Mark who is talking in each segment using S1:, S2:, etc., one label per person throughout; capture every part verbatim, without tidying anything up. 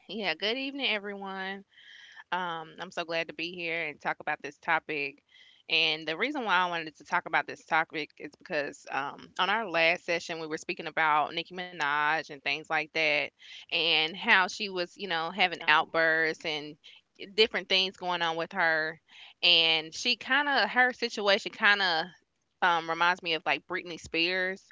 S1: Yeah, good evening, everyone. Um, I'm so glad to be here and talk about this topic. And the reason why I wanted to talk about this topic is because um, on our last session, we were speaking about Nicki Minaj and things like that, and how she was, you know, having outbursts and different things going on with her. And she kind of, her situation kind of um, reminds me of like Britney Spears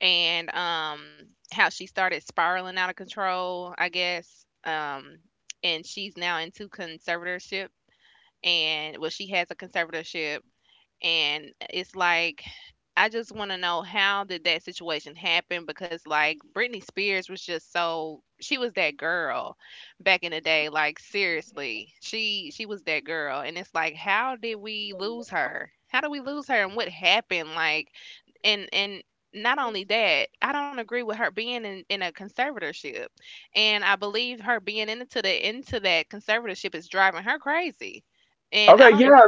S1: and, um, how she started spiraling out of control, I guess, um, and she's now into conservatorship, and well, she has a conservatorship, and it's like I just want to know how did that situation happen, because like Britney Spears was just so, she was that girl back in the day, like seriously, she she was that girl. And it's like how did we lose her, how did we lose her, and what happened? Like and and not only that, I don't agree with her being in, in a conservatorship. And I believe her being into the into that conservatorship is driving her crazy. And I don't even,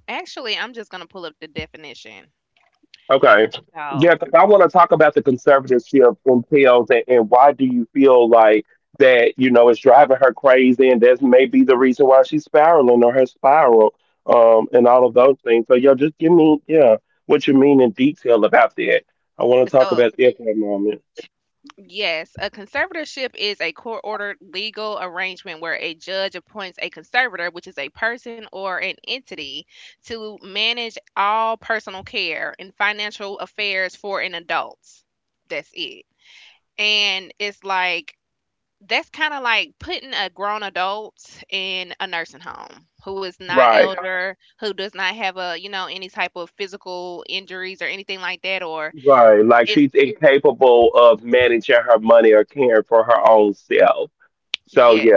S1: actually I'm just gonna pull up the definition. So So, yes, a conservatorship is a court-ordered legal arrangement where a judge appoints a conservator, which is a person or an entity, to manage all personal care and financial affairs for an adult. That's it. And it's like that's kind of like putting a grown adult in a nursing home who is not elder, who does not have a, you know, any type of physical injuries or anything like that, or it's, yeah,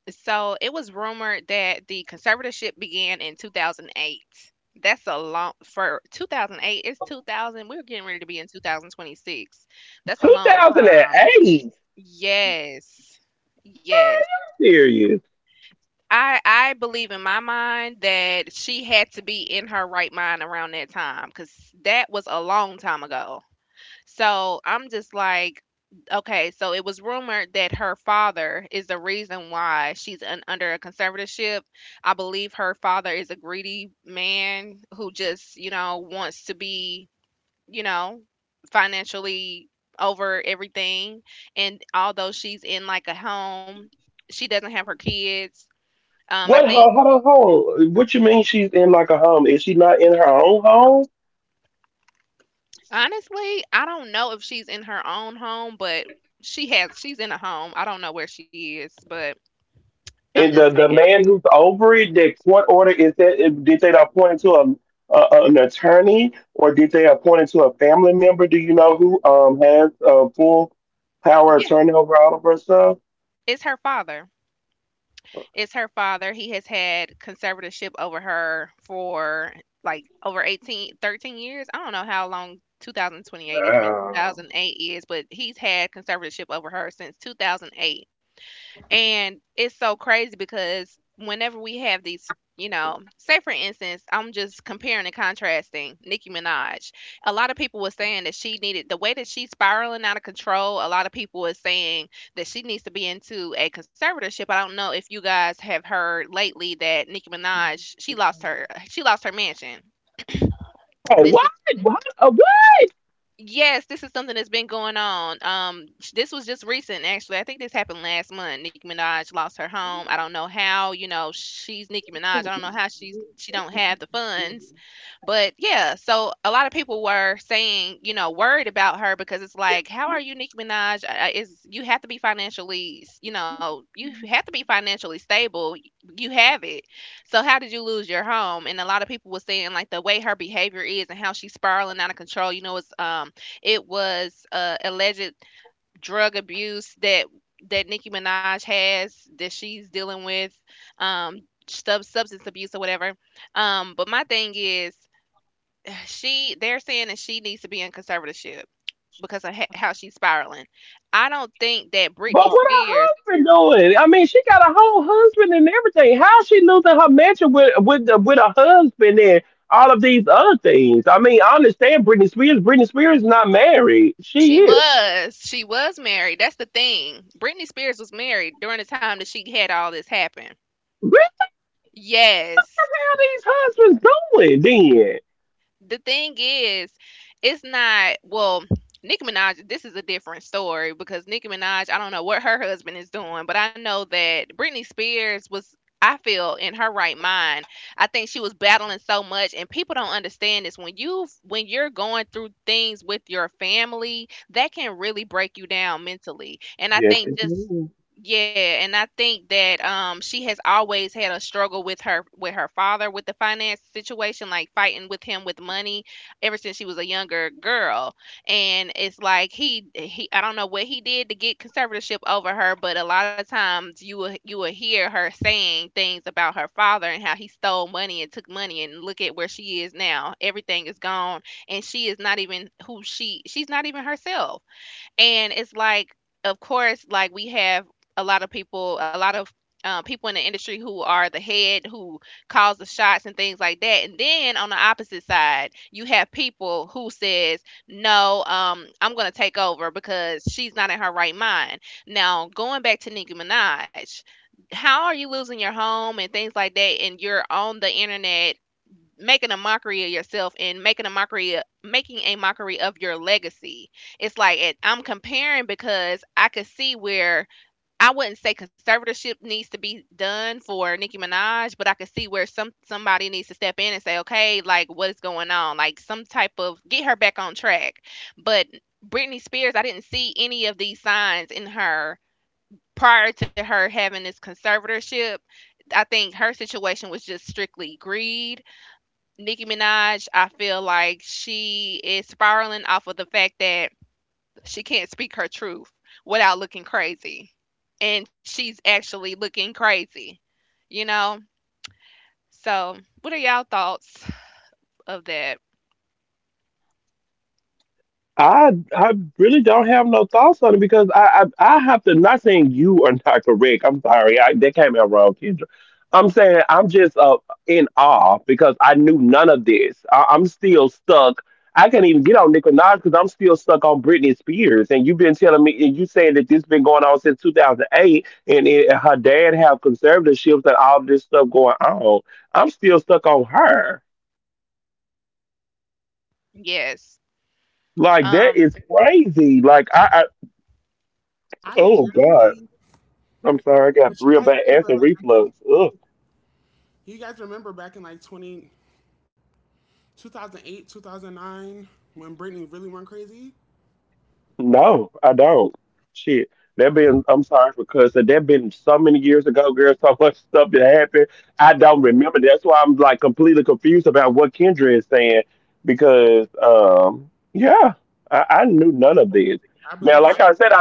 S1: so it was rumored that the conservatorship began in two thousand eight. That's a long, for two thousand eight, it's two thousand, we're getting ready to be in two thousand twenty-six. That's a long time. Yes. Yes. I I believe in my mind that she had to be in her right mind around that time, cuz that was a long time ago. So I'm just like, okay, so it was rumored that her father is the reason why she's un- under a conservatorship. I believe her father is a greedy man who just, you know, wants to be, you know, financially over everything. And although she's in like a home, she doesn't have her kids. Um, I think honestly, I don't know if she's in her own home, but she has she's in a home. I don't know where she is, but I'm just saying. Yeah, it's her father. It's her father. He has had conservatorship over her for like over eighteen, thirteen years. I don't know how long twenty twenty-eight, I mean two thousand eight is, but he's had conservatorship over her since two thousand eight. And it's so crazy because whenever we have these, you know, say for instance, I'm just comparing and contrasting Nicki Minaj. A lot of people were saying that she needed, the way that she's spiraling out of control, a lot of people were saying that she needs to be into a conservatorship. I don't know if you guys have heard lately that Nicki Minaj, she lost her she lost her mansion. This is Yes, this is something that's been going on. Um, sh- this was just recent, actually. I think this happened last month. Nicki Minaj lost her home. I don't know how. You know, she's Nicki Minaj. I don't know how she's she don't have the funds. But yeah, so a lot of people were saying, you know, worried about her, because it's like, how are you Nicki Minaj? Uh, Is, you have to be financially, s- you know, you have to be financially stable. You have it. So how did you lose your home? And a lot of people were saying like the way her behavior is and how she's spiraling out of control. You know, it's um it was uh, alleged drug abuse that that Nicki Minaj has, that she's dealing with, um, sub- substance abuse or whatever. Um, but my thing is, she they're saying that she needs to be in conservatorship because of ha- how she's spiraling. I don't think that Britney Spears. She was. She was married. That's the thing. Britney Spears was married during the time that she had all this happen. Yes. The thing is, it's not, well, Nicki Minaj, this is a different story, because Nicki Minaj, I don't know what her husband is doing, but I know that Britney Spears was, I feel, in her right mind. I think she was battling so much, and people don't understand this. When you, when you're going through things with your family, that can really break you down mentally. And I think, just yeah, and I think that um she has always had a struggle with her, with her father, with the finance situation, like fighting with him with money ever since she was a younger girl. And it's like he he I don't know what he did to get conservatorship over her, but a lot of times you will, you will hear her saying things about her father and how he stole money and took money, and look at where she is now. Everything is gone, and she is not even who she she's not even herself. And it's like, of course, like we have a lot of people, a lot of um, people in the industry who are the head, who calls the shots and things like that. And then on the opposite side, you have people who says, "No, um, I'm gonna take over because she's not in her right mind." Now, going back to Nicki Minaj, how are you losing your home and things like that, and you're on the internet making a mockery of yourself and making a mockery of making a mockery of your legacy? It's like, it, I'm comparing, because I could see where, I wouldn't say conservatorship needs to be done for Nicki Minaj, but I could see where some somebody needs to step in and say, okay, like what's going on, like some type of get her back on track. But Britney Spears, I didn't see any of these signs in her prior to her having this conservatorship. I think her situation was just strictly greed. Nicki Minaj, I feel like she is spiraling off of the fact that she can't speak her truth without looking crazy. And she's actually looking crazy, you know? So, what are y'all thoughts of that? Yes. Um,
S2: I generally, but you guys remember, like, I- you guys remember back in like twenty two thousand twenty oh nine, when Britney really went crazy? I believe she. Yeah.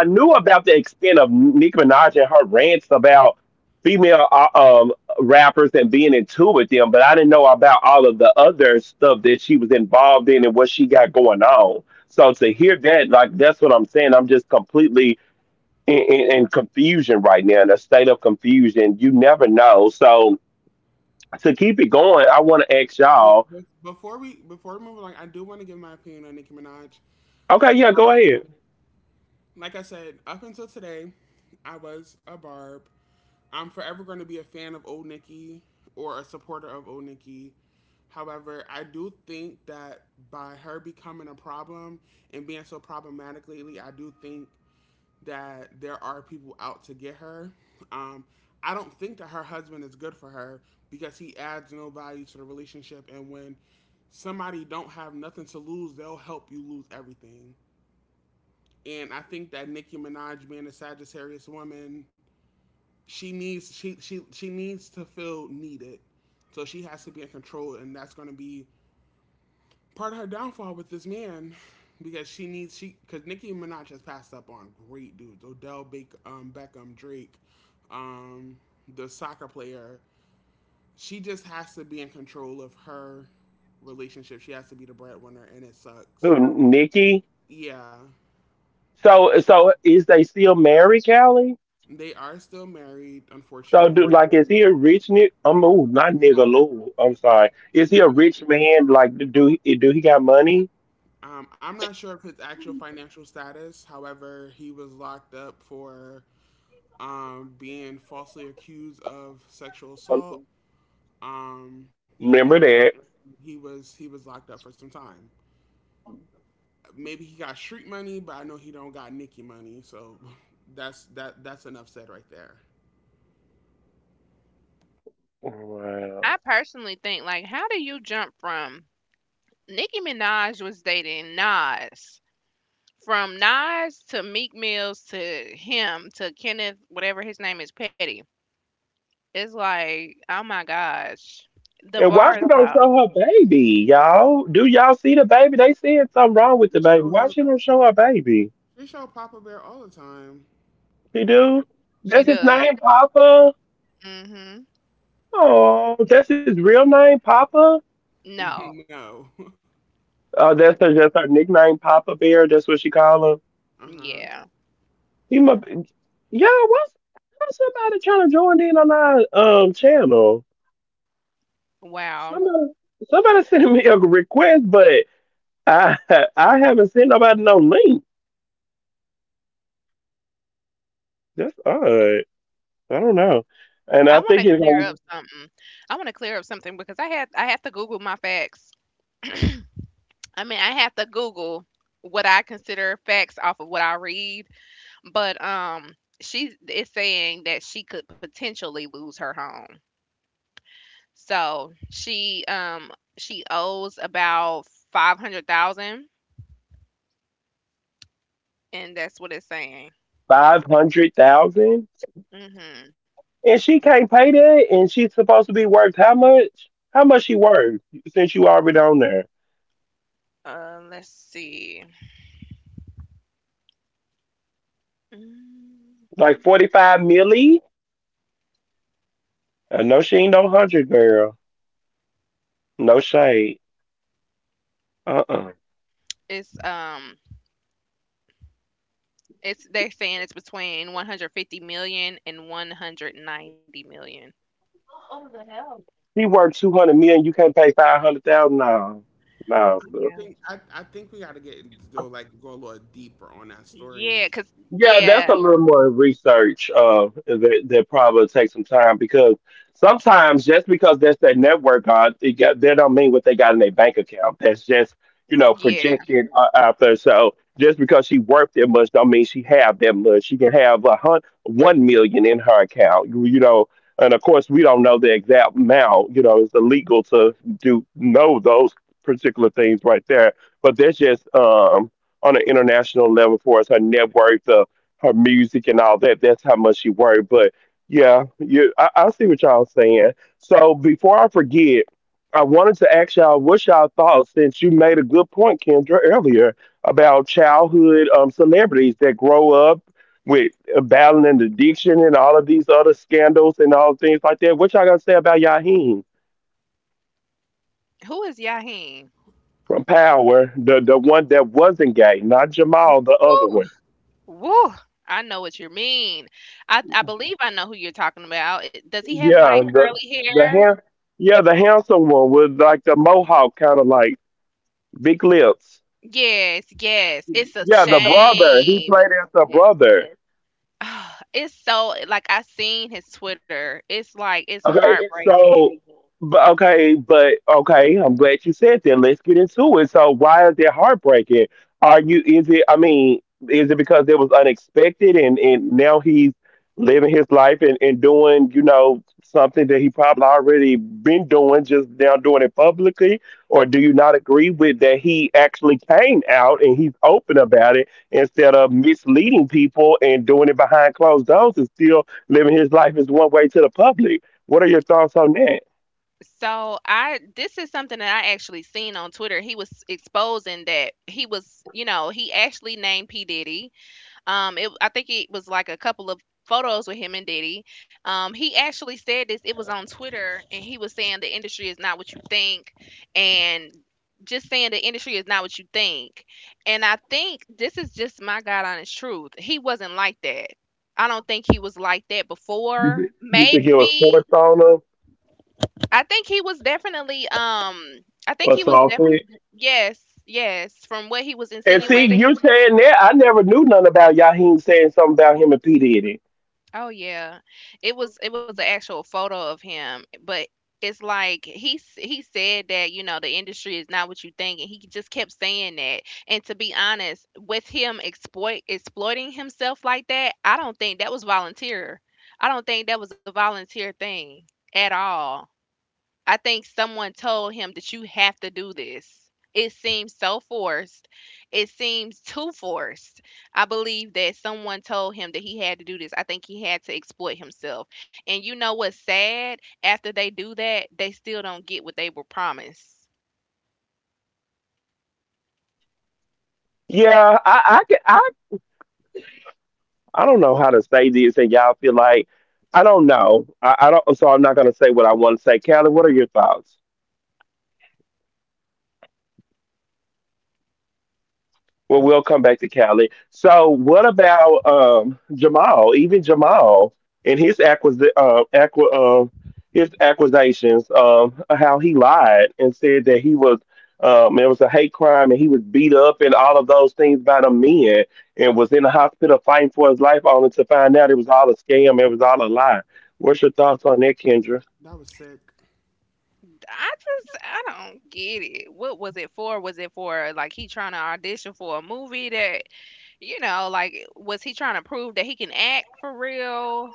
S2: Wait, be- before we before we move along, I do want to give my opinion on Nicki Minaj. Like I said, up until today, I was a barb. I'm forever going to be a fan of old Nicki or a supporter of old Nicki. However, I do think that by her becoming a problem and being so problematic lately, I do think that there are people out to get her. Um, I don't think that her husband is good for her because he adds no value to the relationship. And when somebody don't have nothing to lose, they'll help you lose everything. And I think that Nicki Minaj being a Sagittarius woman, she needs she she she needs to feel needed. So she has to be in control, and that's going to be part of her downfall with this man because she needs she because Nicki Minaj has passed up on great dudes Odell Baker, um, Beckham Drake, um, the soccer player. She just has to be in control of her relationship. She has to be the breadwinner, and it sucks. Yeah, they are still married, unfortunately. No, no. Um, I'm not sure of his actual financial status. However, he was locked up for um, being falsely accused of sexual assault. Um, and with that, he was he was locked up for some time. Maybe he got street money, but I know he don't got Nikki money. So that's that that's enough said right there.
S1: I personally think, like how do you jump from, Nicki Minaj was dating Nas? From Nas to Meek Mills to him to Kenneth, whatever his name is, Petty. It's like, oh my gosh. The bar is low.
S2: She show him. She show Papa Bear all the time.
S1: She
S2: Hmm.
S1: does. Hmm. No.
S2: No. Uh huh.
S1: Yeah. Wow. I want to clear up something. I want to clear up something, because I had I have to Google my facts. I mean, I have to Google what I consider facts off of what I read, but um she is saying that she could potentially lose her home. So, she um she owes about five hundred thousand, and that's what it's saying. Mhm. Uh, let's see. Mm, It's um, it's they're saying it's between one hundred fifty million and one hundred ninety million.
S2: I don't
S1: Yeah.
S2: think I, I think we got to get go like go a little deeper on that story.
S1: Yeah, cause, yeah, yeah. Who is Yaheen? Woo, woo. I know what you mean. I I believe I know who you're talking about. It- Does he have like curly hair? Yes, yes. It's a shame. Yes. It's so, like I seen his Twitter, it's like, it's heartbreaking. So I this is something that I actually seen on Twitter. He was exposing that he was, you know, he actually named P. Diddy. Um it I think it was like a couple of photos with him and Diddy. Um he actually said this, it was on Twitter, and he was saying the industry is not what you think, and just saying the industry is not what you think. And I think this is just my God honest truth. He wasn't like that. I don't think he was like that before. Maybe, I think he was definitely um I think he was definitely, yes, yes, from what he was insinuating. Oh yeah. It was it was an actual photo of him, but it's like he s- he said that, you know, the industry is not what you think, and he just kept saying that. And to be honest, with him exploit exploiting himself like that, I don't think that was volunteer. I don't think that was a volunteer thing at all. I think someone told him that you have to do this. It seems so forced. It seems too forced. I believe that someone told him that he had to do this. I think he had to exploit himself. And you know what's sad? After they do that, they still don't get what they were promised.
S2: That was sick.
S1: I just I don't get it. What was it for? Was it for like he trying to audition for a movie that you know, like was he trying to prove that he can act for real?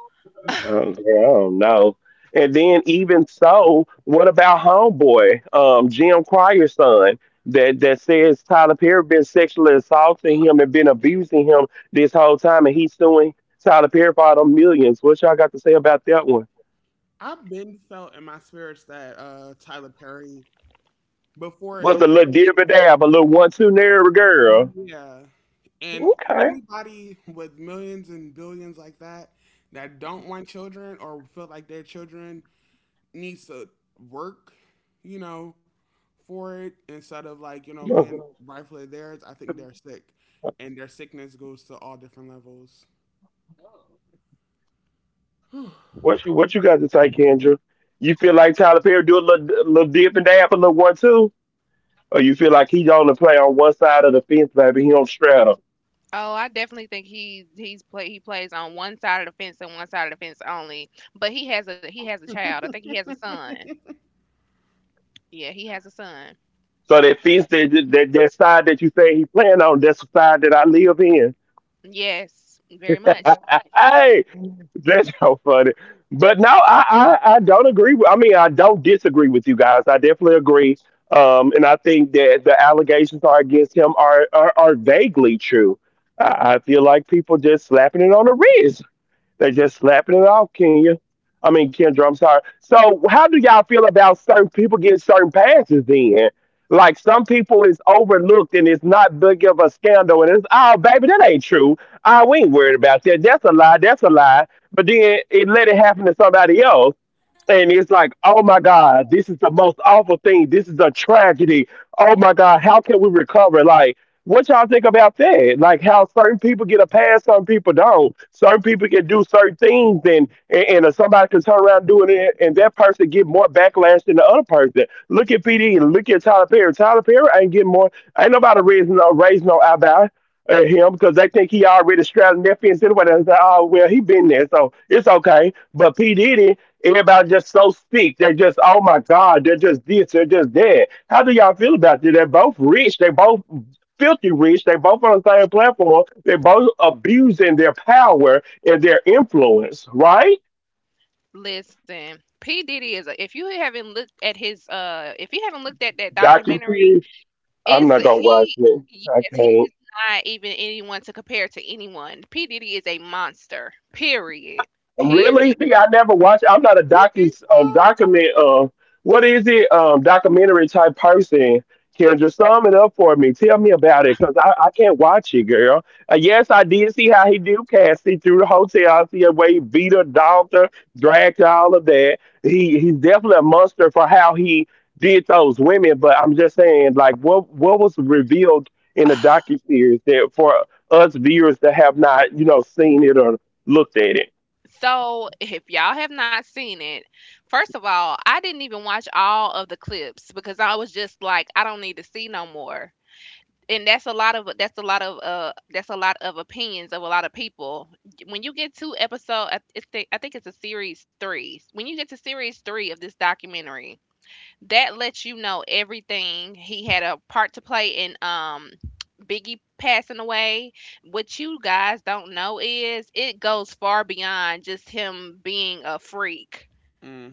S2: I've been felt in my spirits that uh Tyler Perry before. Yeah. And anybody with millions and billions like that that don't want children or feel like their children needs to work, you know, for it instead of like, you know, being rightfully theirs, I think they're sick. And their sickness goes to all different levels.
S1: Oh, I definitely think he he's play he plays on one side of the fence and one side of the fence only. But he has a he has a child. I think he has a son. Yeah, he has a son. Yes, very much. Listen, P. Diddy is a, if you haven't looked at his uh if you haven't looked at that documentary, it's he yes, he is not even anyone to compare to anyone. P. Diddy is a monster. Period. Period.
S2: You think so?
S1: So, if y'all have not seen it, first of all, I didn't even watch all of the clips because I was just like, I don't need to see no more. And that's a lot of that's a lot of uh that's a lot of opinions of a lot of people. When you get to episode, I- it's the, I think it's a series three. When you get to series three of this documentary, that lets you know everything. He had a part to play in um Biggie passing away. What you guys don't know is it goes far beyond just him being a freak.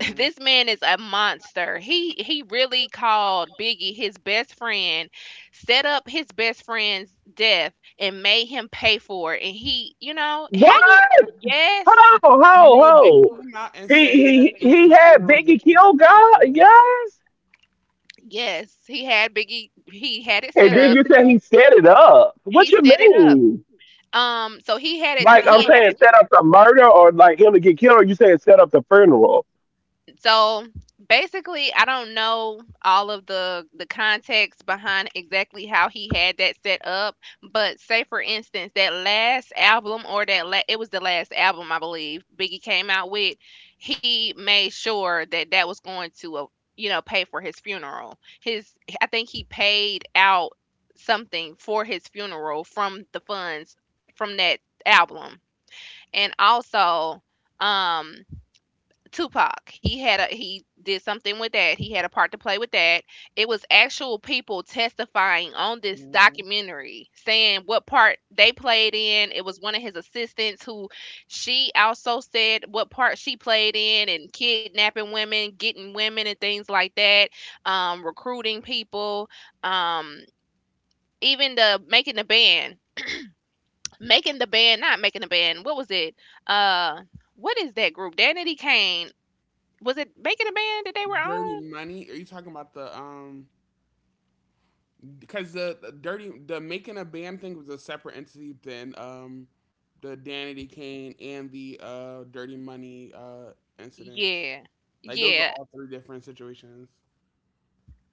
S1: This man is a monster. He he really called Biggie his best friend, set up his best friend's death and made him pay for it. And he, you know, how you yes,
S2: You know, they came out and said that Biggie's funeral was not paid for.
S1: yes, he had Biggie he had it set up. He set it up. Um, so he had it he had it so basically, I don't know all of the the context behind exactly how he had that set up, but say for instance that last album or that la- it was the last album I believe Biggie came out with, he made sure that that was going to uh, you know, pay for his funeral. His I think he paid out something for his funeral from the funds from that album. And also um Tupac. He had a he did something with that. He had a part to play with that. It was actual people testifying on this
S2: Hmm.
S1: documentary saying what part they played in. It was one of his assistants who she also said what part she played in, and kidnapping women, getting women and things like that, um, recruiting people, um, even the making the band. Making the band, not making the band. What was it? Uh what is that group? Danity Kane, was it Making a Band that they were
S2: Dirty
S1: on?
S2: money. Are you talking about the um because the, the dirty the making a band thing was a separate entity than um the Danity Kane and the uh Dirty Money uh incidents.
S1: Yeah.
S2: Like those are
S1: Yeah.
S2: all three different situations.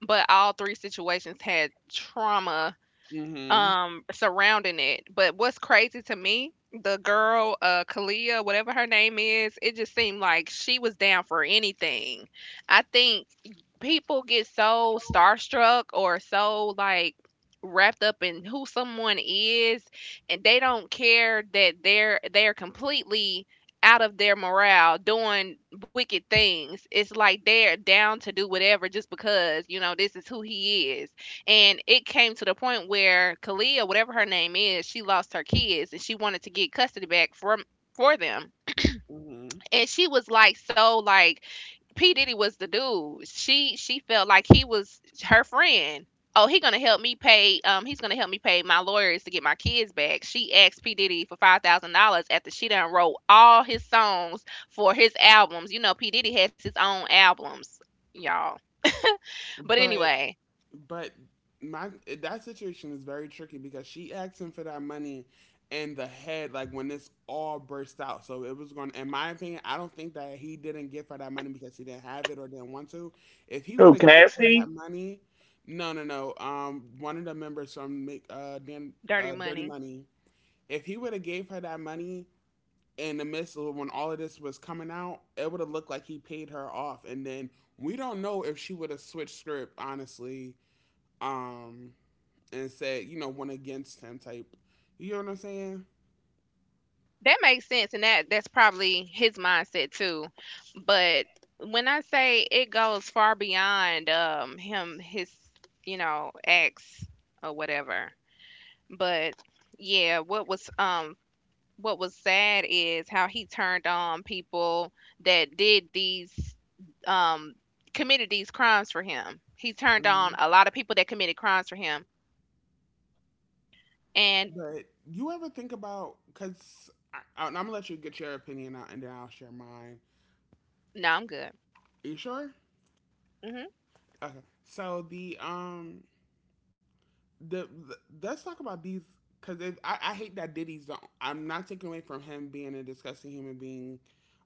S1: But all three situations had trauma
S2: Mm-hmm.
S1: um surrounding it. But what's crazy to me, the girl, uh Kalia, whatever her name is, it just seemed like she was down for anything. I think people get so starstruck or so like wrapped up in who someone is, and they don't care that they're they're completely out of their morale doing wicked things. It's like they're down to do whatever just because, you know, this is who he is. And it came to the point where Kalia, whatever her name is, she lost her kids and she wanted to get custody back from, for them,
S2: Mm-hmm.
S1: and she was like, so like, P Diddy was the dude. She she felt like he was her friend. Oh, he gonna help me pay. Um, he's gonna help me pay my lawyers to get my kids back. She asked P Diddy for five thousand dollars after she done wrote all his songs for his albums. You know, P Diddy has his own albums, y'all. But
S2: But
S1: anyway,
S2: But my that situation is very tricky because she asked him for that money in the head, like when this all burst out. So it was going. In my opinion, I don't think that he didn't give her that money because he didn't have it or didn't want to. If he would have gave her that money, no, no, no. Um, one of the members from Make uh, Dan,
S1: Dirty
S2: uh Dirty
S1: Money.
S2: Money. If he would have gave her that money in the midst of when all of this was coming out, it would have looked like he paid her off, and then we don't know if she would have switched script. Honestly, um, and said, you know, went against him type. You know what I'm saying?
S1: That makes sense, and that that's probably his mindset too. But when I say it goes far beyond um him, his, you know, acts or whatever. But yeah, what was um what was sad is how he turned on people that did these um committed these crimes for him. He turned
S2: Hmm?
S1: on a lot of people that committed crimes for him. And
S2: But you ever think about, because I'm gonna let you get your opinion out and then I'll share mine.
S1: no, I'm good.
S2: Are you sure? Okay. So the um the, the let's talk about these because I, I hate that Diddy's. The, I'm not taking away from him being a disgusting human being,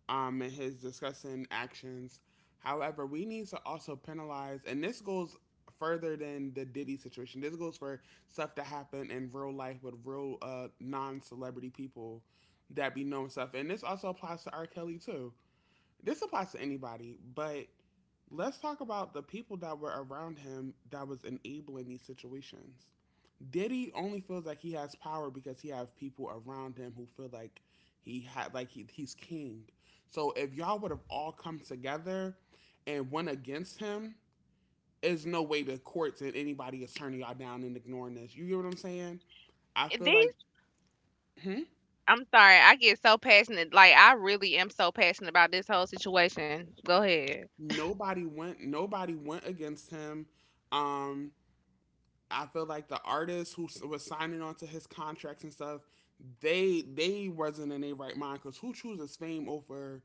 S2: um, and his disgusting actions. However, we need to also penalize, and this goes further than the Diddy situation. This goes for stuff that happened in real life with real uh, non-celebrity people that be knowing stuff, and this also applies to R. Kelly too. This applies to anybody, but let's talk about the people that were around him that was enabling these situations. Diddy only feels like he has power because he have people around him who feel like he had like he, he's king. So if y'all would have all come together and went against him, there's no way the courts and anybody is turning y'all down and ignoring this. You get what I'm saying? I feel like,
S1: Hmm.
S2: hmm?
S1: I'm sorry. I get so passionate. Like, I really am so passionate about this whole situation. Go ahead.
S2: Nobody went nobody went against him. Um I feel like the artists who was signing on to his contracts and stuff, they they wasn't in their right mind. Cause who chooses fame over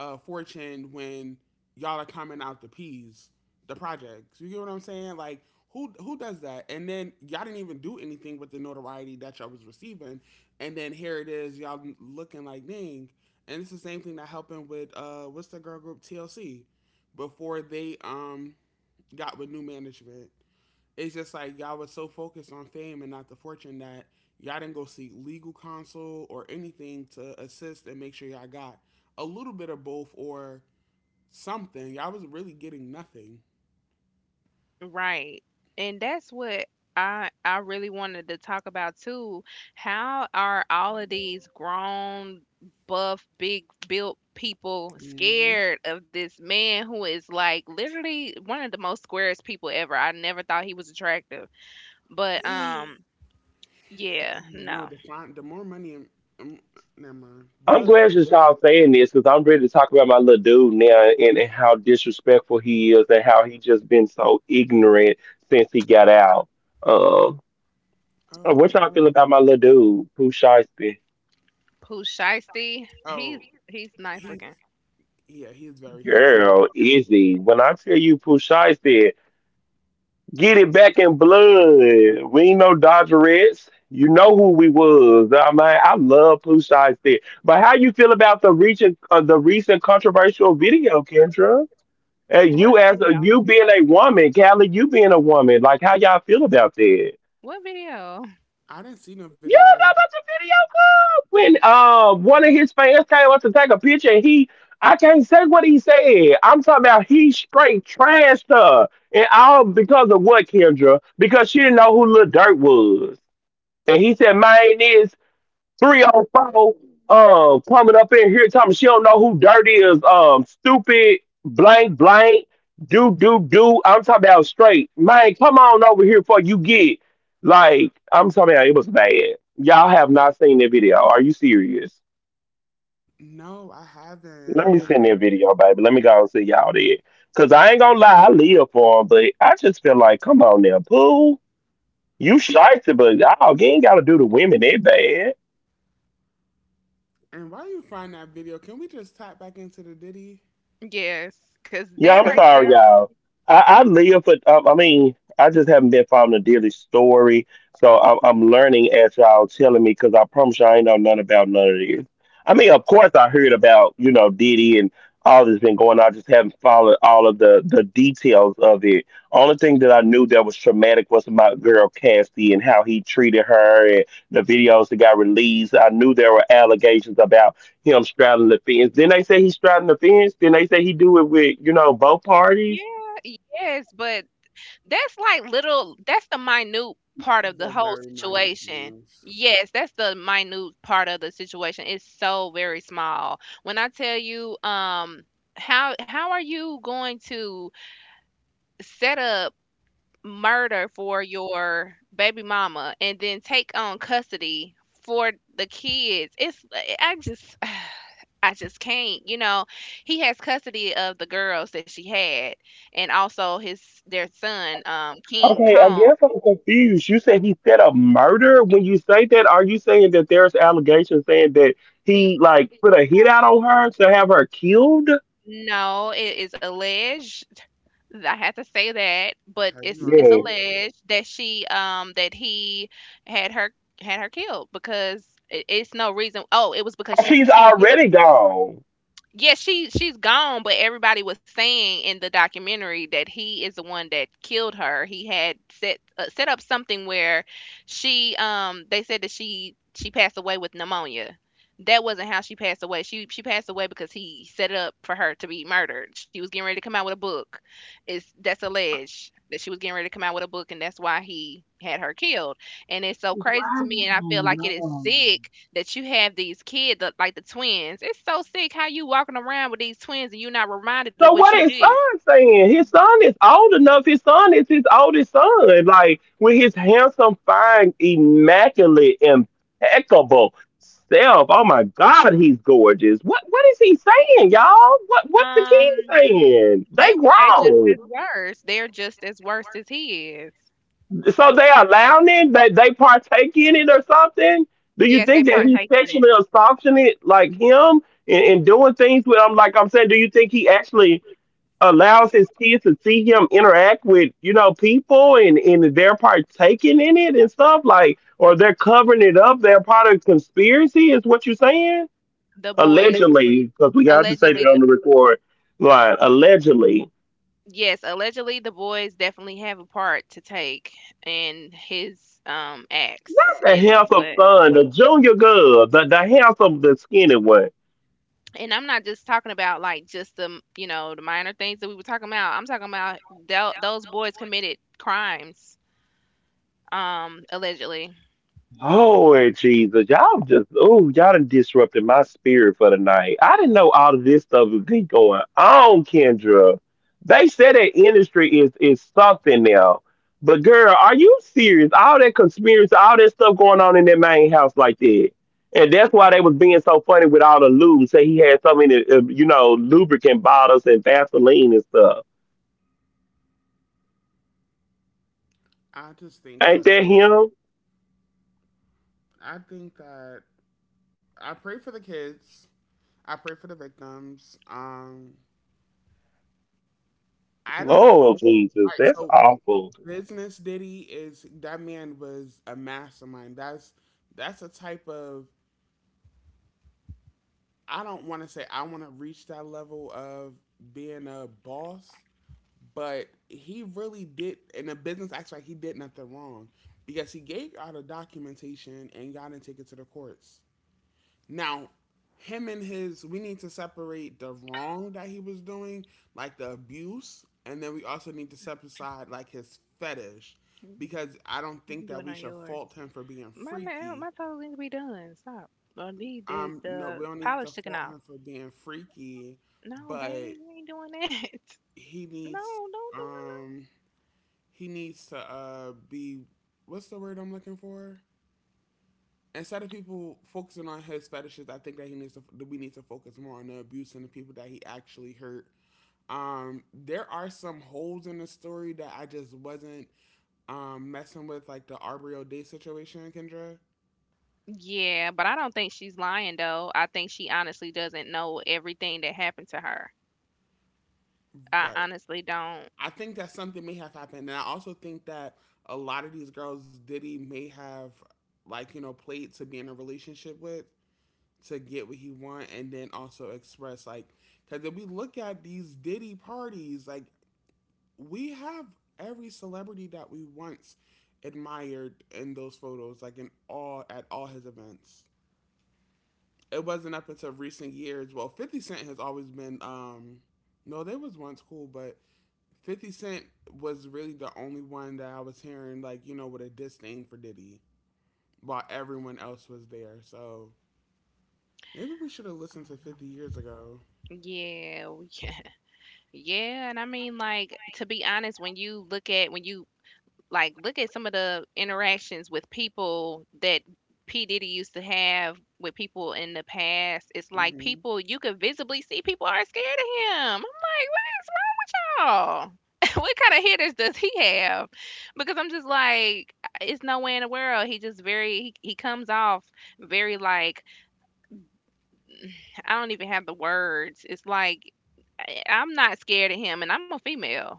S2: uh, fortune when y'all are coming out the peas, the projects? You get what I'm saying? Like who who does that? And then y'all didn't even do anything with the notoriety that y'all was receiving. And then here it is, y'all looking like dang. And it's the same thing that happened with uh, what's the girl group T L C before they um got with new management. It's just like y'all was so focused on fame and not the fortune that y'all didn't go seek legal counsel or anything to assist and make sure y'all got a little bit of both or something. Y'all was really getting nothing.
S1: Right. And that's what I I really wanted to talk about too. How are all of these grown, buff, big built people
S2: Mm-hmm.
S1: scared of this man who is like literally one of the most squarest people ever? I never thought he was attractive. But um yeah,
S2: I
S1: no.
S2: The fine, the more money, and um, never mind. But oh, okay.
S1: Pooh Shiesty,
S2: Oh,
S1: he's he's nice
S2: he's
S1: looking.
S2: Yeah, he is very handsome.
S1: What video? What video?
S2: I didn't see no video. No, I haven't. I, and why you find that video? Can we just tap back into the Diddy?
S1: Yes, cause that right there, yeah, yes, but that's like little, that's the minute part of the
S2: The
S1: whole
S2: very minute
S1: situation.
S2: things.
S1: Yes, that's the minute part of the situation. It's so very small. When I tell you, um, how how are you going to set up murder for your baby mama and then take on custody for the kids? It's, I just, I just can't, you know, he has custody of the girls that she had, and also his their son, um, King Kong. He, no, it is alleged. I have to say that, but
S2: Heavy
S1: it's
S2: on
S1: it's
S2: it.
S1: alleged that she um that he had her, had her killed because it, it's no reason. Oh, it was because she's she was giving. Yeah, she she's gone, but everybody was saying in the documentary that he is the one that killed her. He had set uh, set up something where she um they said that she she passed away with pneumonia. That wasn't how she passed away. She she passed away because he set it up for her to be murdered. She was getting ready to come out with a book. It's that's alleged that she was getting ready to come out with a book and that's why he had her killed. And it's so crazy to me, and I feel like it is sick that you have these kids that- like the twins. It's so sick how you walking around with these twins and you're not reminded of what you did. Um, they w- they just as worse. They're just as worse as he is. Yes, they partake in it. The boys allegedly. The, yes, allegedly the boys definitely have a part to take in his um acts and what. And I'm not just talking about like just the m- you know, the minor things that we were talking about. I'm talking about thel- those boys committed crimes. Um, allegedly.
S2: I just think that I think that I pray for the kids. I pray for the victims. Um, I don't. All right, so business Diddy is that man was a mastermind. That's that's a type of. I don't want to say I want to reach that level of being a boss, but he really did, and the business acts like he did nothing wrong because he gave out the documentation and got and take it to the courts. Now, him and his, we need to separate the wrong that he was doing, like the abuse, and then we also need to set aside like his fetish
S1: You
S2: because I don't
S1: can
S2: think
S1: do
S2: that
S1: it
S2: we
S1: on
S2: should
S1: yours.
S2: fault him for being
S1: My nail,
S2: freaky.
S1: my toes need to be done. Stop. I need the
S2: Um, no, we
S1: the
S2: don't need to
S1: polish
S2: fault
S1: taken
S2: him
S1: off.
S2: for being freaky,
S1: No,
S2: but
S1: babe, you ain't doing that.
S2: he
S1: No,
S2: needs,
S1: don't do no.
S2: um he needs to uh, be, what's the word I'm looking for? Instead of people focusing on his fetishes, I think that he needs to that we need to focus more on the abuse and the people that he actually hurt. Um, there are some holes in the story that I just wasn't um, messing with, like the Arbrio Day situation, Kendra.
S1: No. Yeah, but I don't think she's lying though. I think she honestly doesn't know everything that happened to her. I
S2: Right.
S1: honestly don't.
S2: I think that something may have happened. And I also think that a lot of these girls Diddy may have like, you know, played to be in a relationship with, to get what he want and then also express like, because if we look at these Diddy parties, like we have every celebrity that we once admired in those photos, like in all at all his events. It wasn't up until recent years. Well, Fifty Cent has always been. um No, they was once cool, but Fifty Cent was really the only one that I was hearing like you know with a disdain for Diddy, while everyone else was there. So maybe we should have listened to Fifty years ago.
S1: Yeah, yeah, and I mean, like, to be honest, when you look at when you like look at some of the interactions with people that P Diddy used to have with people in the past. It's like
S2: Mm-hmm.
S1: people you could visibly see people are scared of him. Oh, what kind of hitters does he have? Because I'm just like, it's no way in the world. He just very, he, he comes off very like, I don't even have the words. It's like I- I'm not scared of him, and I'm a female.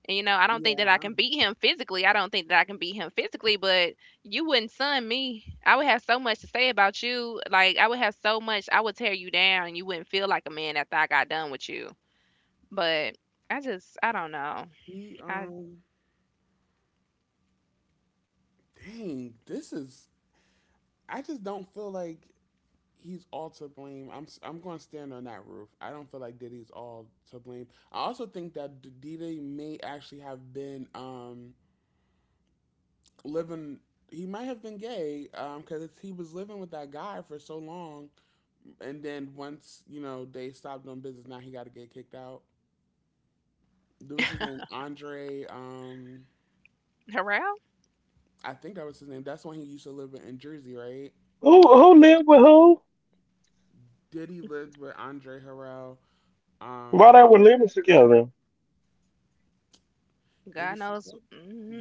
S1: And, you know, I don't think that I can
S2: Yeah.
S1: beat him physically. I don't think that I can beat him physically, but you wouldn't sun me. I would have so much to say about you. Like, I would have so much, I would tear you down. You wouldn't feel like a man after I got done with you. But I just, I don't know.
S2: He
S1: I,
S2: um dang, this is, I just don't feel like he's all to blame. I'm s- I'm going to stand on that roof. I don't feel like Diddy's all to blame. I also think that D- Diddy may actually have been um living, he might have been gay um cuz he was living with that guy for so long and then once, you know, they stopped doing business, now he got to get kicked out. There was his name Andre, um
S1: Harrell?
S2: I think that was his name. That's when he used to live in Jersey, right? Diddy lived with Andre Harrell. Um, they
S1: God
S2: was
S1: knows.
S2: together.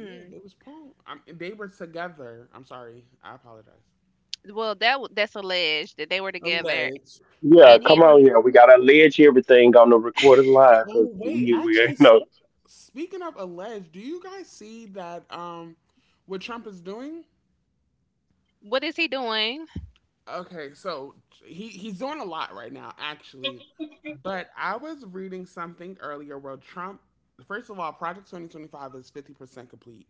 S2: Yeah, they was punk. Um, they were together. I'm sorry. I apologize.
S1: Well, that w- that's alleged that they were together,
S2: Alleged.
S1: and he was.
S2: Oh wait, actually, s- speaking of alleged, do you guys see that? Um, what Trump is doing?
S1: What is he doing?
S2: Okay, so he he's doing a lot right now, actually. But I was reading something earlier where Trump. First of all, Project twenty twenty-five is fifty percent complete.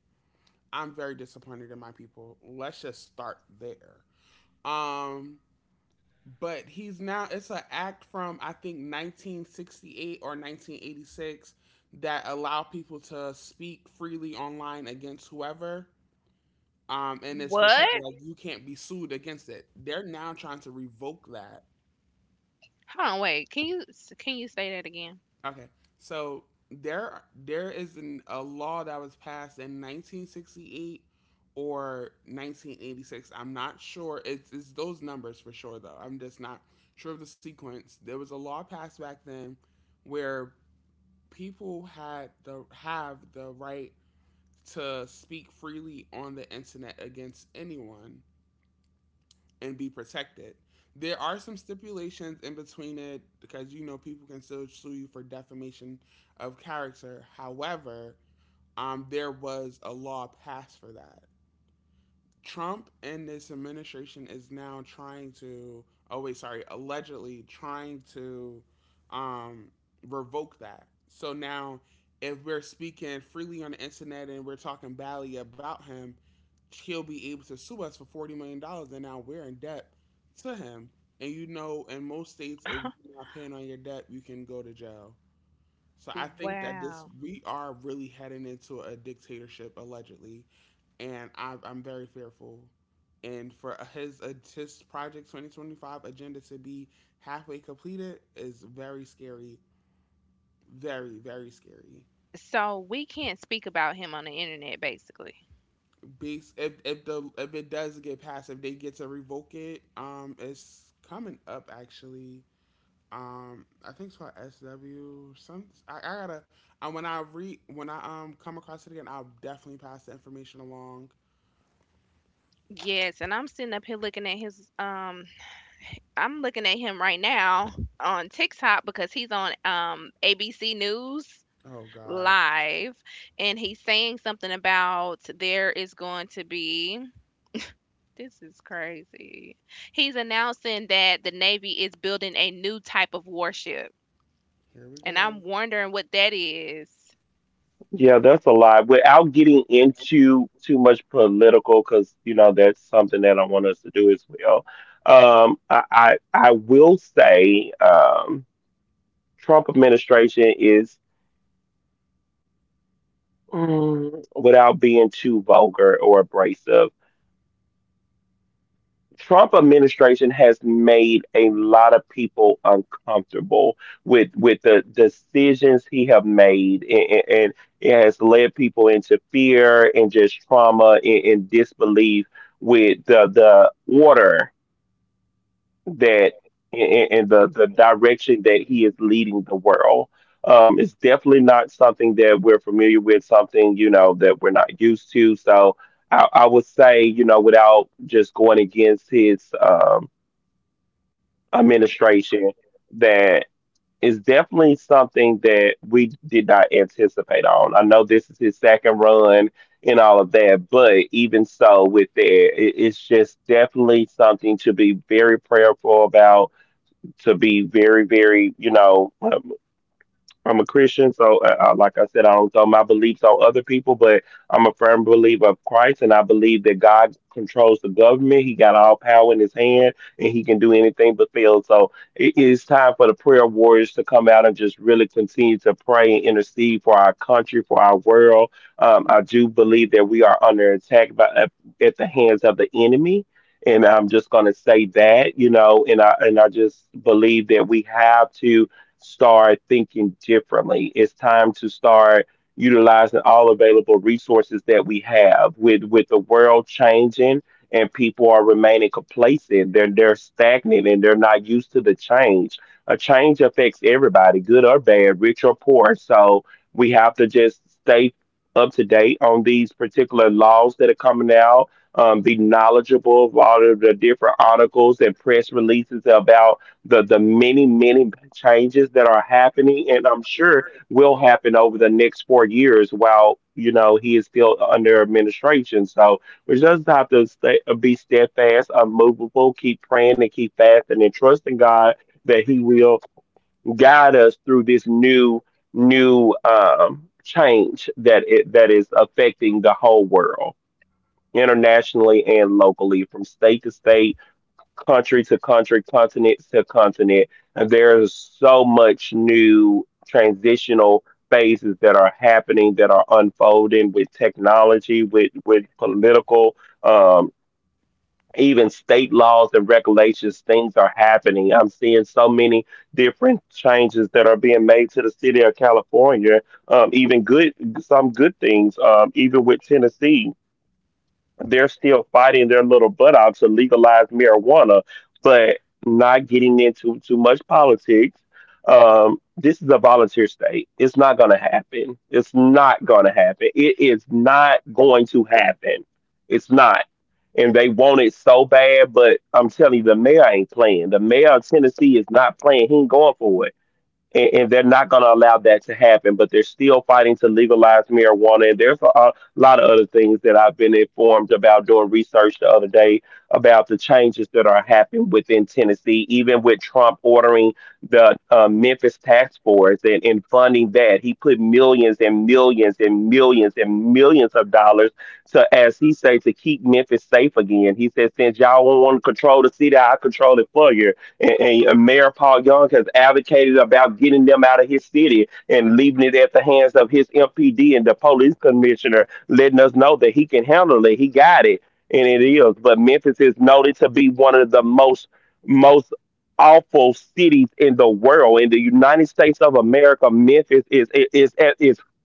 S2: I'm very disappointed in my people. Let's just start there. Um, but he's now, it's an act from I think nineteen sixty-eight or nineteen eighty-six that allow people to speak freely online against whoever. Um, and it's protected
S1: What?
S2: like you can't be sued against it. They're now trying to revoke that.
S1: Hold on, wait. Can you, can you say that again?
S2: Okay, so there there is an, a law that was passed in nineteen sixty-eight or nineteen eighty-six. I'm not sure. It's, it's those numbers for sure though. I'm just not sure of the sequence. There was a law passed back then where people had the have the right to speak freely on the internet against anyone and be protected. There are some stipulations in between it because you know people can still sue you for defamation of character. However, um, there was a law passed for that. Trump and this administration is now trying to, oh, wait, sorry, allegedly trying to um, revoke that. So now, if we're speaking freely on the internet and we're talking badly about him, he'll be able to sue us for forty million dollars, dollars, and now we're in debt to him. And you know, in most states, if you're not paying on your debt, you can go to jail. So I think that this
S1: Wow.
S2: we are really heading into a dictatorship allegedly, and I, I'm very fearful. And for his his project twenty twenty-five agenda to be halfway completed is very scary, very very scary.
S1: So we can't speak about him on the internet basically.
S2: Based, if if the if it does get passed, if they get to revoke it, um, it's coming up actually. Um, I think it's called S W. Some I, I gotta. And when I re when I um come across it again, I'll definitely pass the information along.
S1: Yes, and I'm sitting up here looking at his um I'm looking at him right now on TikTok because he's on um A B C News
S2: Oh God,
S1: live and he's saying something about there is going to be, this is crazy. He's announcing that the Navy is building a new type of warship,
S2: here we
S1: and
S2: go.
S1: I'm wondering what that is.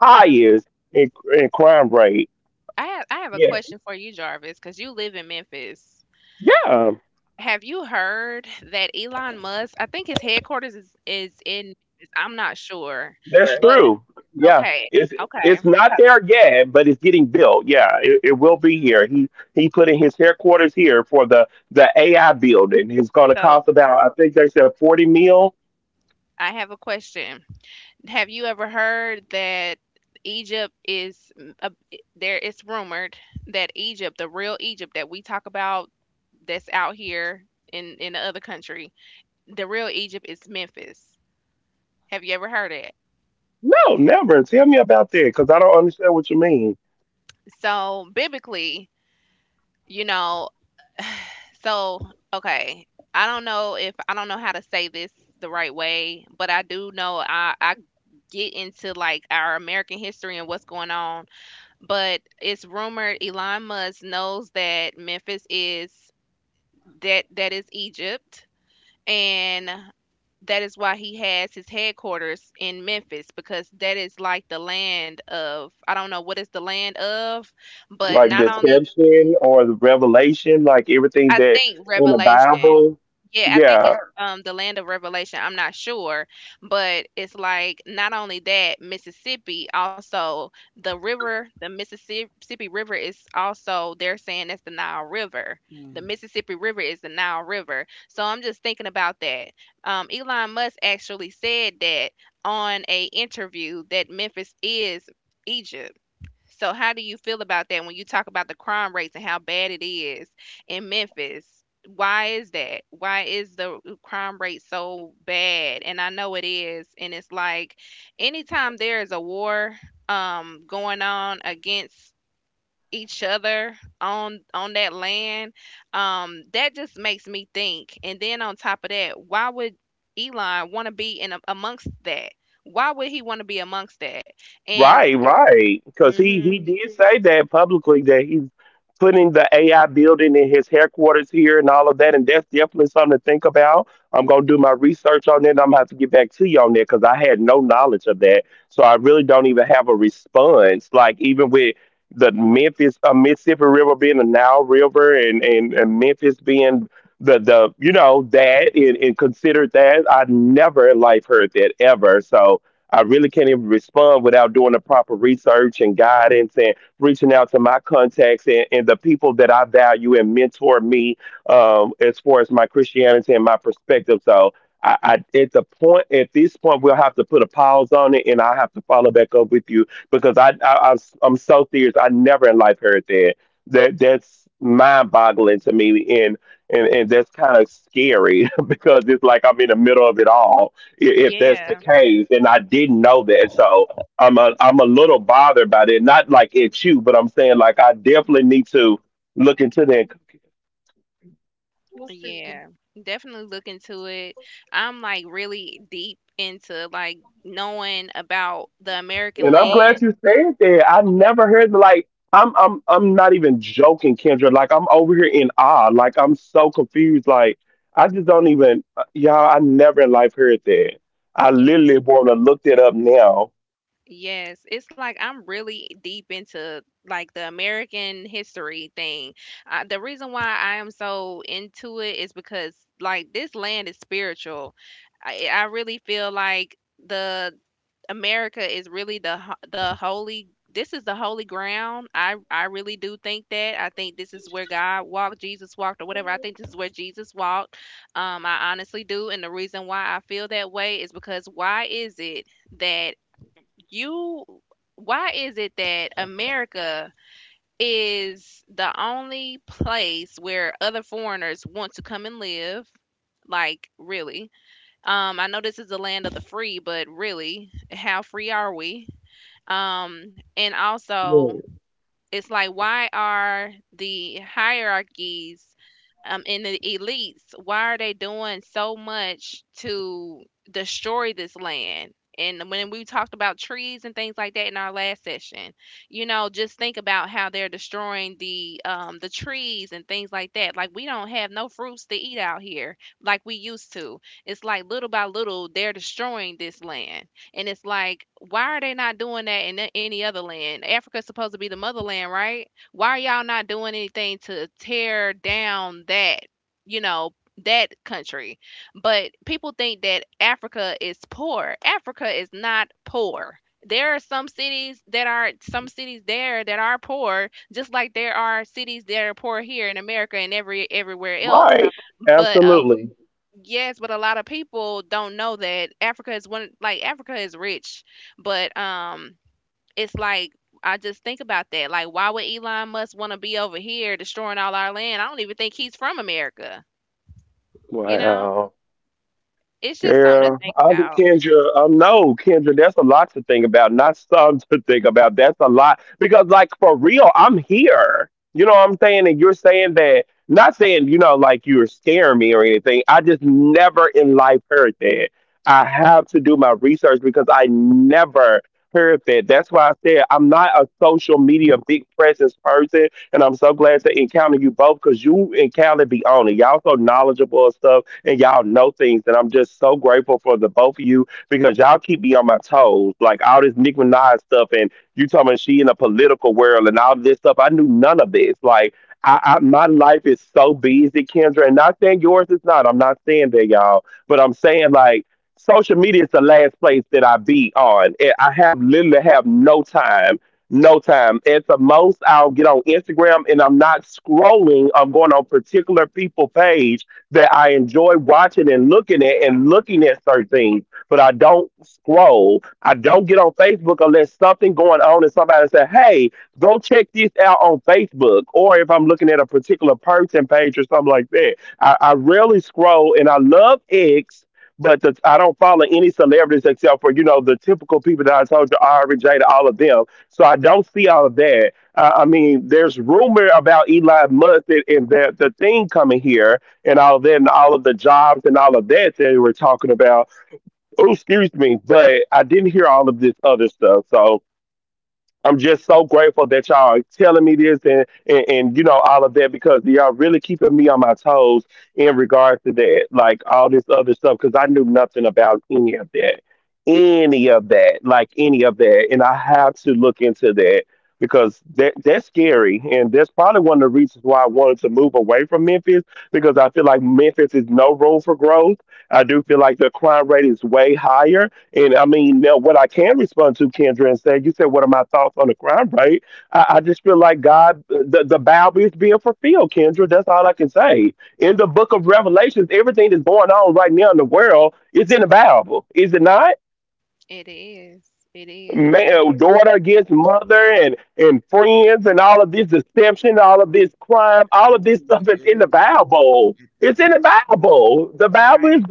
S1: Jarvis. I have I have a question for you, Jarvis, cuz you live in Memphis. Have you heard that Elon Musk, I think his headquarters is is in Memphis, I'm not sure. But okay, okay. So I have a question. Have you ever heard that Egypt is mm, a, there, it's rumored that Egypt, the real Egypt that we talk about that's out here in in the other country, the real Egypt is Memphis. Have you ever heard it? So biblically, you know, so, okay. I don't know if I don't know how to say this the right way, but I do know I I get into like our American history and what's going on, but it's rumored Elon Musk knows that Memphis is that that is Egypt, and that is why he has his headquarters in Memphis because that is like the land of I don't know what is the land of, but not only I think Revelation. Yeah, I think it's um the land of Revelation. I'm not sure, but it's like not only that, Mississippi also the river, the Mississippi River is also, they're saying that's the Nile River. The
S2: Yeah,
S1: Mississippi River is the Nile River. So I'm just thinking about that. Um, Elon Musk actually said that on a interview that Memphis is Egypt. So how do you feel about that when you talk about the crime rates and how bad it is in Memphis? Why is that? Why is the uh, crime rate so bad? And I know it is, and it's like anytime there is a war um going on against each other on on that land, um, that just makes me think. And then on top of that, why would Elon want to be in a, amongst that? Why would he want to be amongst that? And hmm yeah. Yeah, definitely look into it. I'm like really deep into like knowing about the American land. Yeah, yes. It's like I'm really deep into like the American history thing. Uh, the reason why I am so into it is because like this land is spiritual. I, I really feel like the America is really the ho- the holy, this is the holy ground. I I really do think that. I think this is where God walked, Jesus walked or whatever. I think this is where Jesus walked. Um I honestly do, and the reason why I feel that way is because why is it that you why is it that America is the only place where other foreigners want to come and live? Like really? Um, I know this is the land of the free, but really, how free are we? Um, and also, it's like why are the hierarchies, um, in the elites, why are they doing so much to destroy this land? And when we talked about trees and things like that in our last session, you know, just think about how they're destroying the um, the trees and things like that. Like, we don't have no fruits to eat out here like we used to. It's like little by little they're destroying this land, and it's like, why are they not doing that in a- any other land? Africa's supposed to be the motherland, right? Why are y'all not doing anything to tear down that, you know, that country? But people think that Africa is poor. Africa is not poor. There are some cities that are some cities there that are poor, just like there are cities that are poor here in America and every everywhere else, but a yes, but a lot of people don't know that Africa is one, like Africa is rich, but um it's like I just think about that. Like why would Elon Musk want to be over here destroying all our land? I don't even think he's from America. You know? It's just something to think about. It is. It is.
S2: it definitely is. It definitely is.
S1: Right.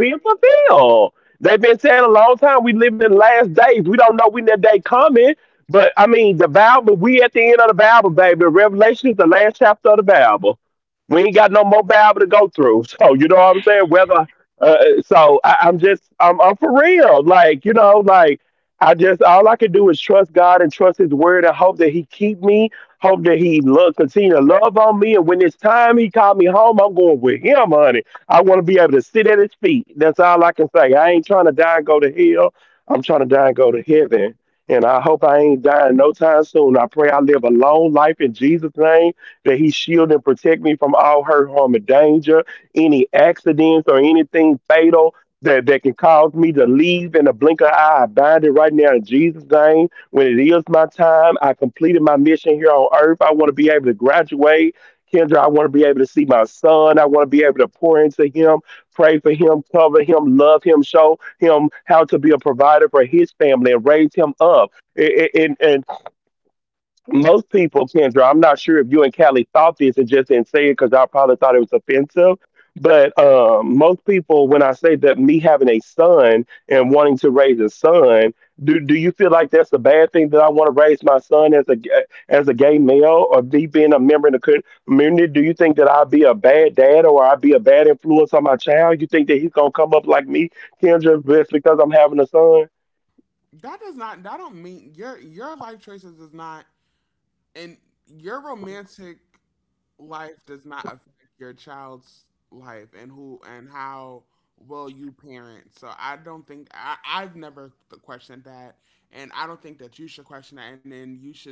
S2: That does not. That don't mean your your life choices does not and your romantic life does not affect your child's life and who and how well you parent. So I don't think I, I've never th- questioned that, and I don't think that you should question that. And then you should.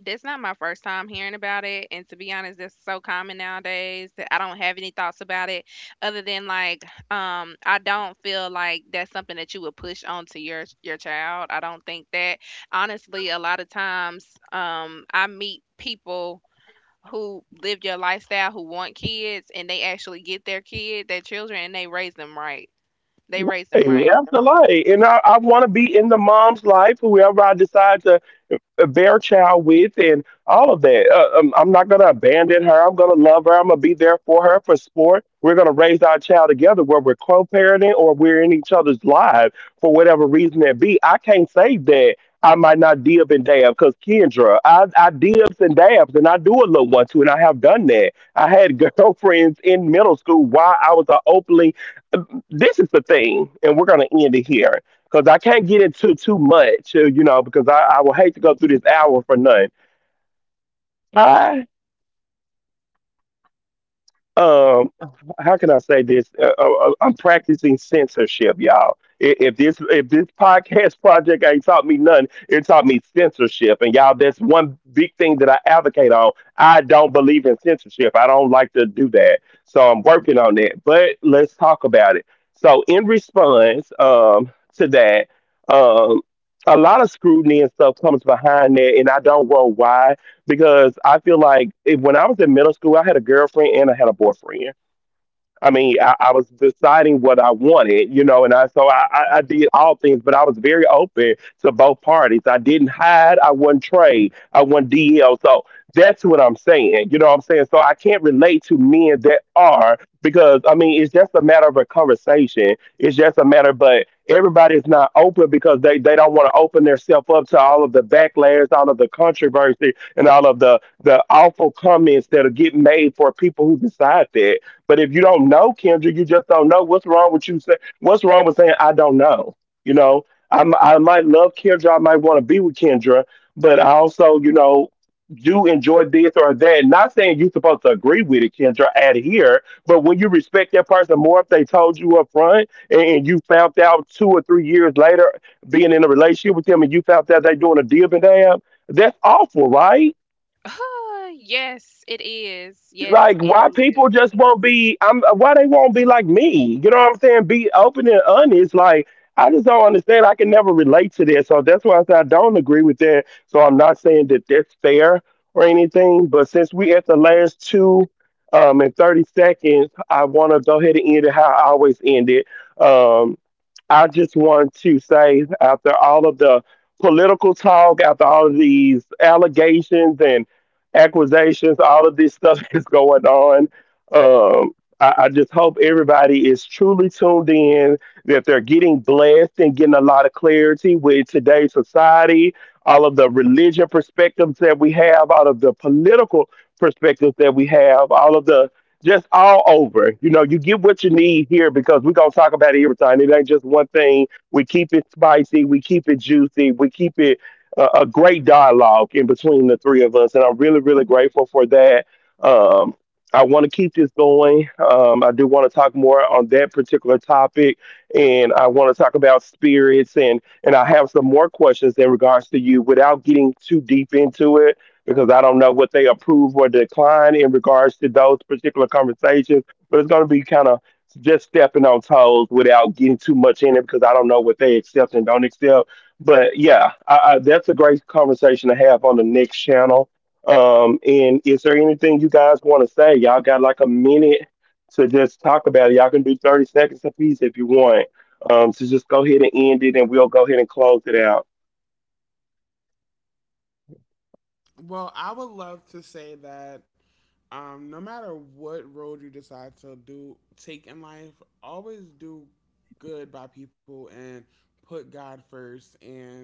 S1: That's not my first time hearing about it, and to be honest, that's so common nowadays that I don't have any thoughts about it other than, like, um, I don't feel like that's something that you would push onto your your child. I don't think that. Honestly, a lot of times, um, I meet people who live your lifestyle who want kids, and they actually get their kid, their children, and they raise them right. They raise them right. Yes, it is. Yes, it is.
S2: Well, I would love to say that um, no matter what road you decide to do take in life, always do good by people and put God first and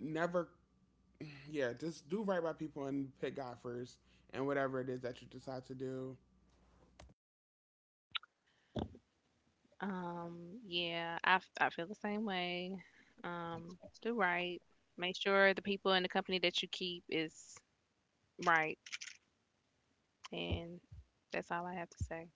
S2: never, yeah, just do right by people and put God first and whatever it is that you decide to do.
S1: Um, yeah, I, f- I feel the same way. Um, do right. Make sure the people in the company that you keep is right. And that's all I have to say.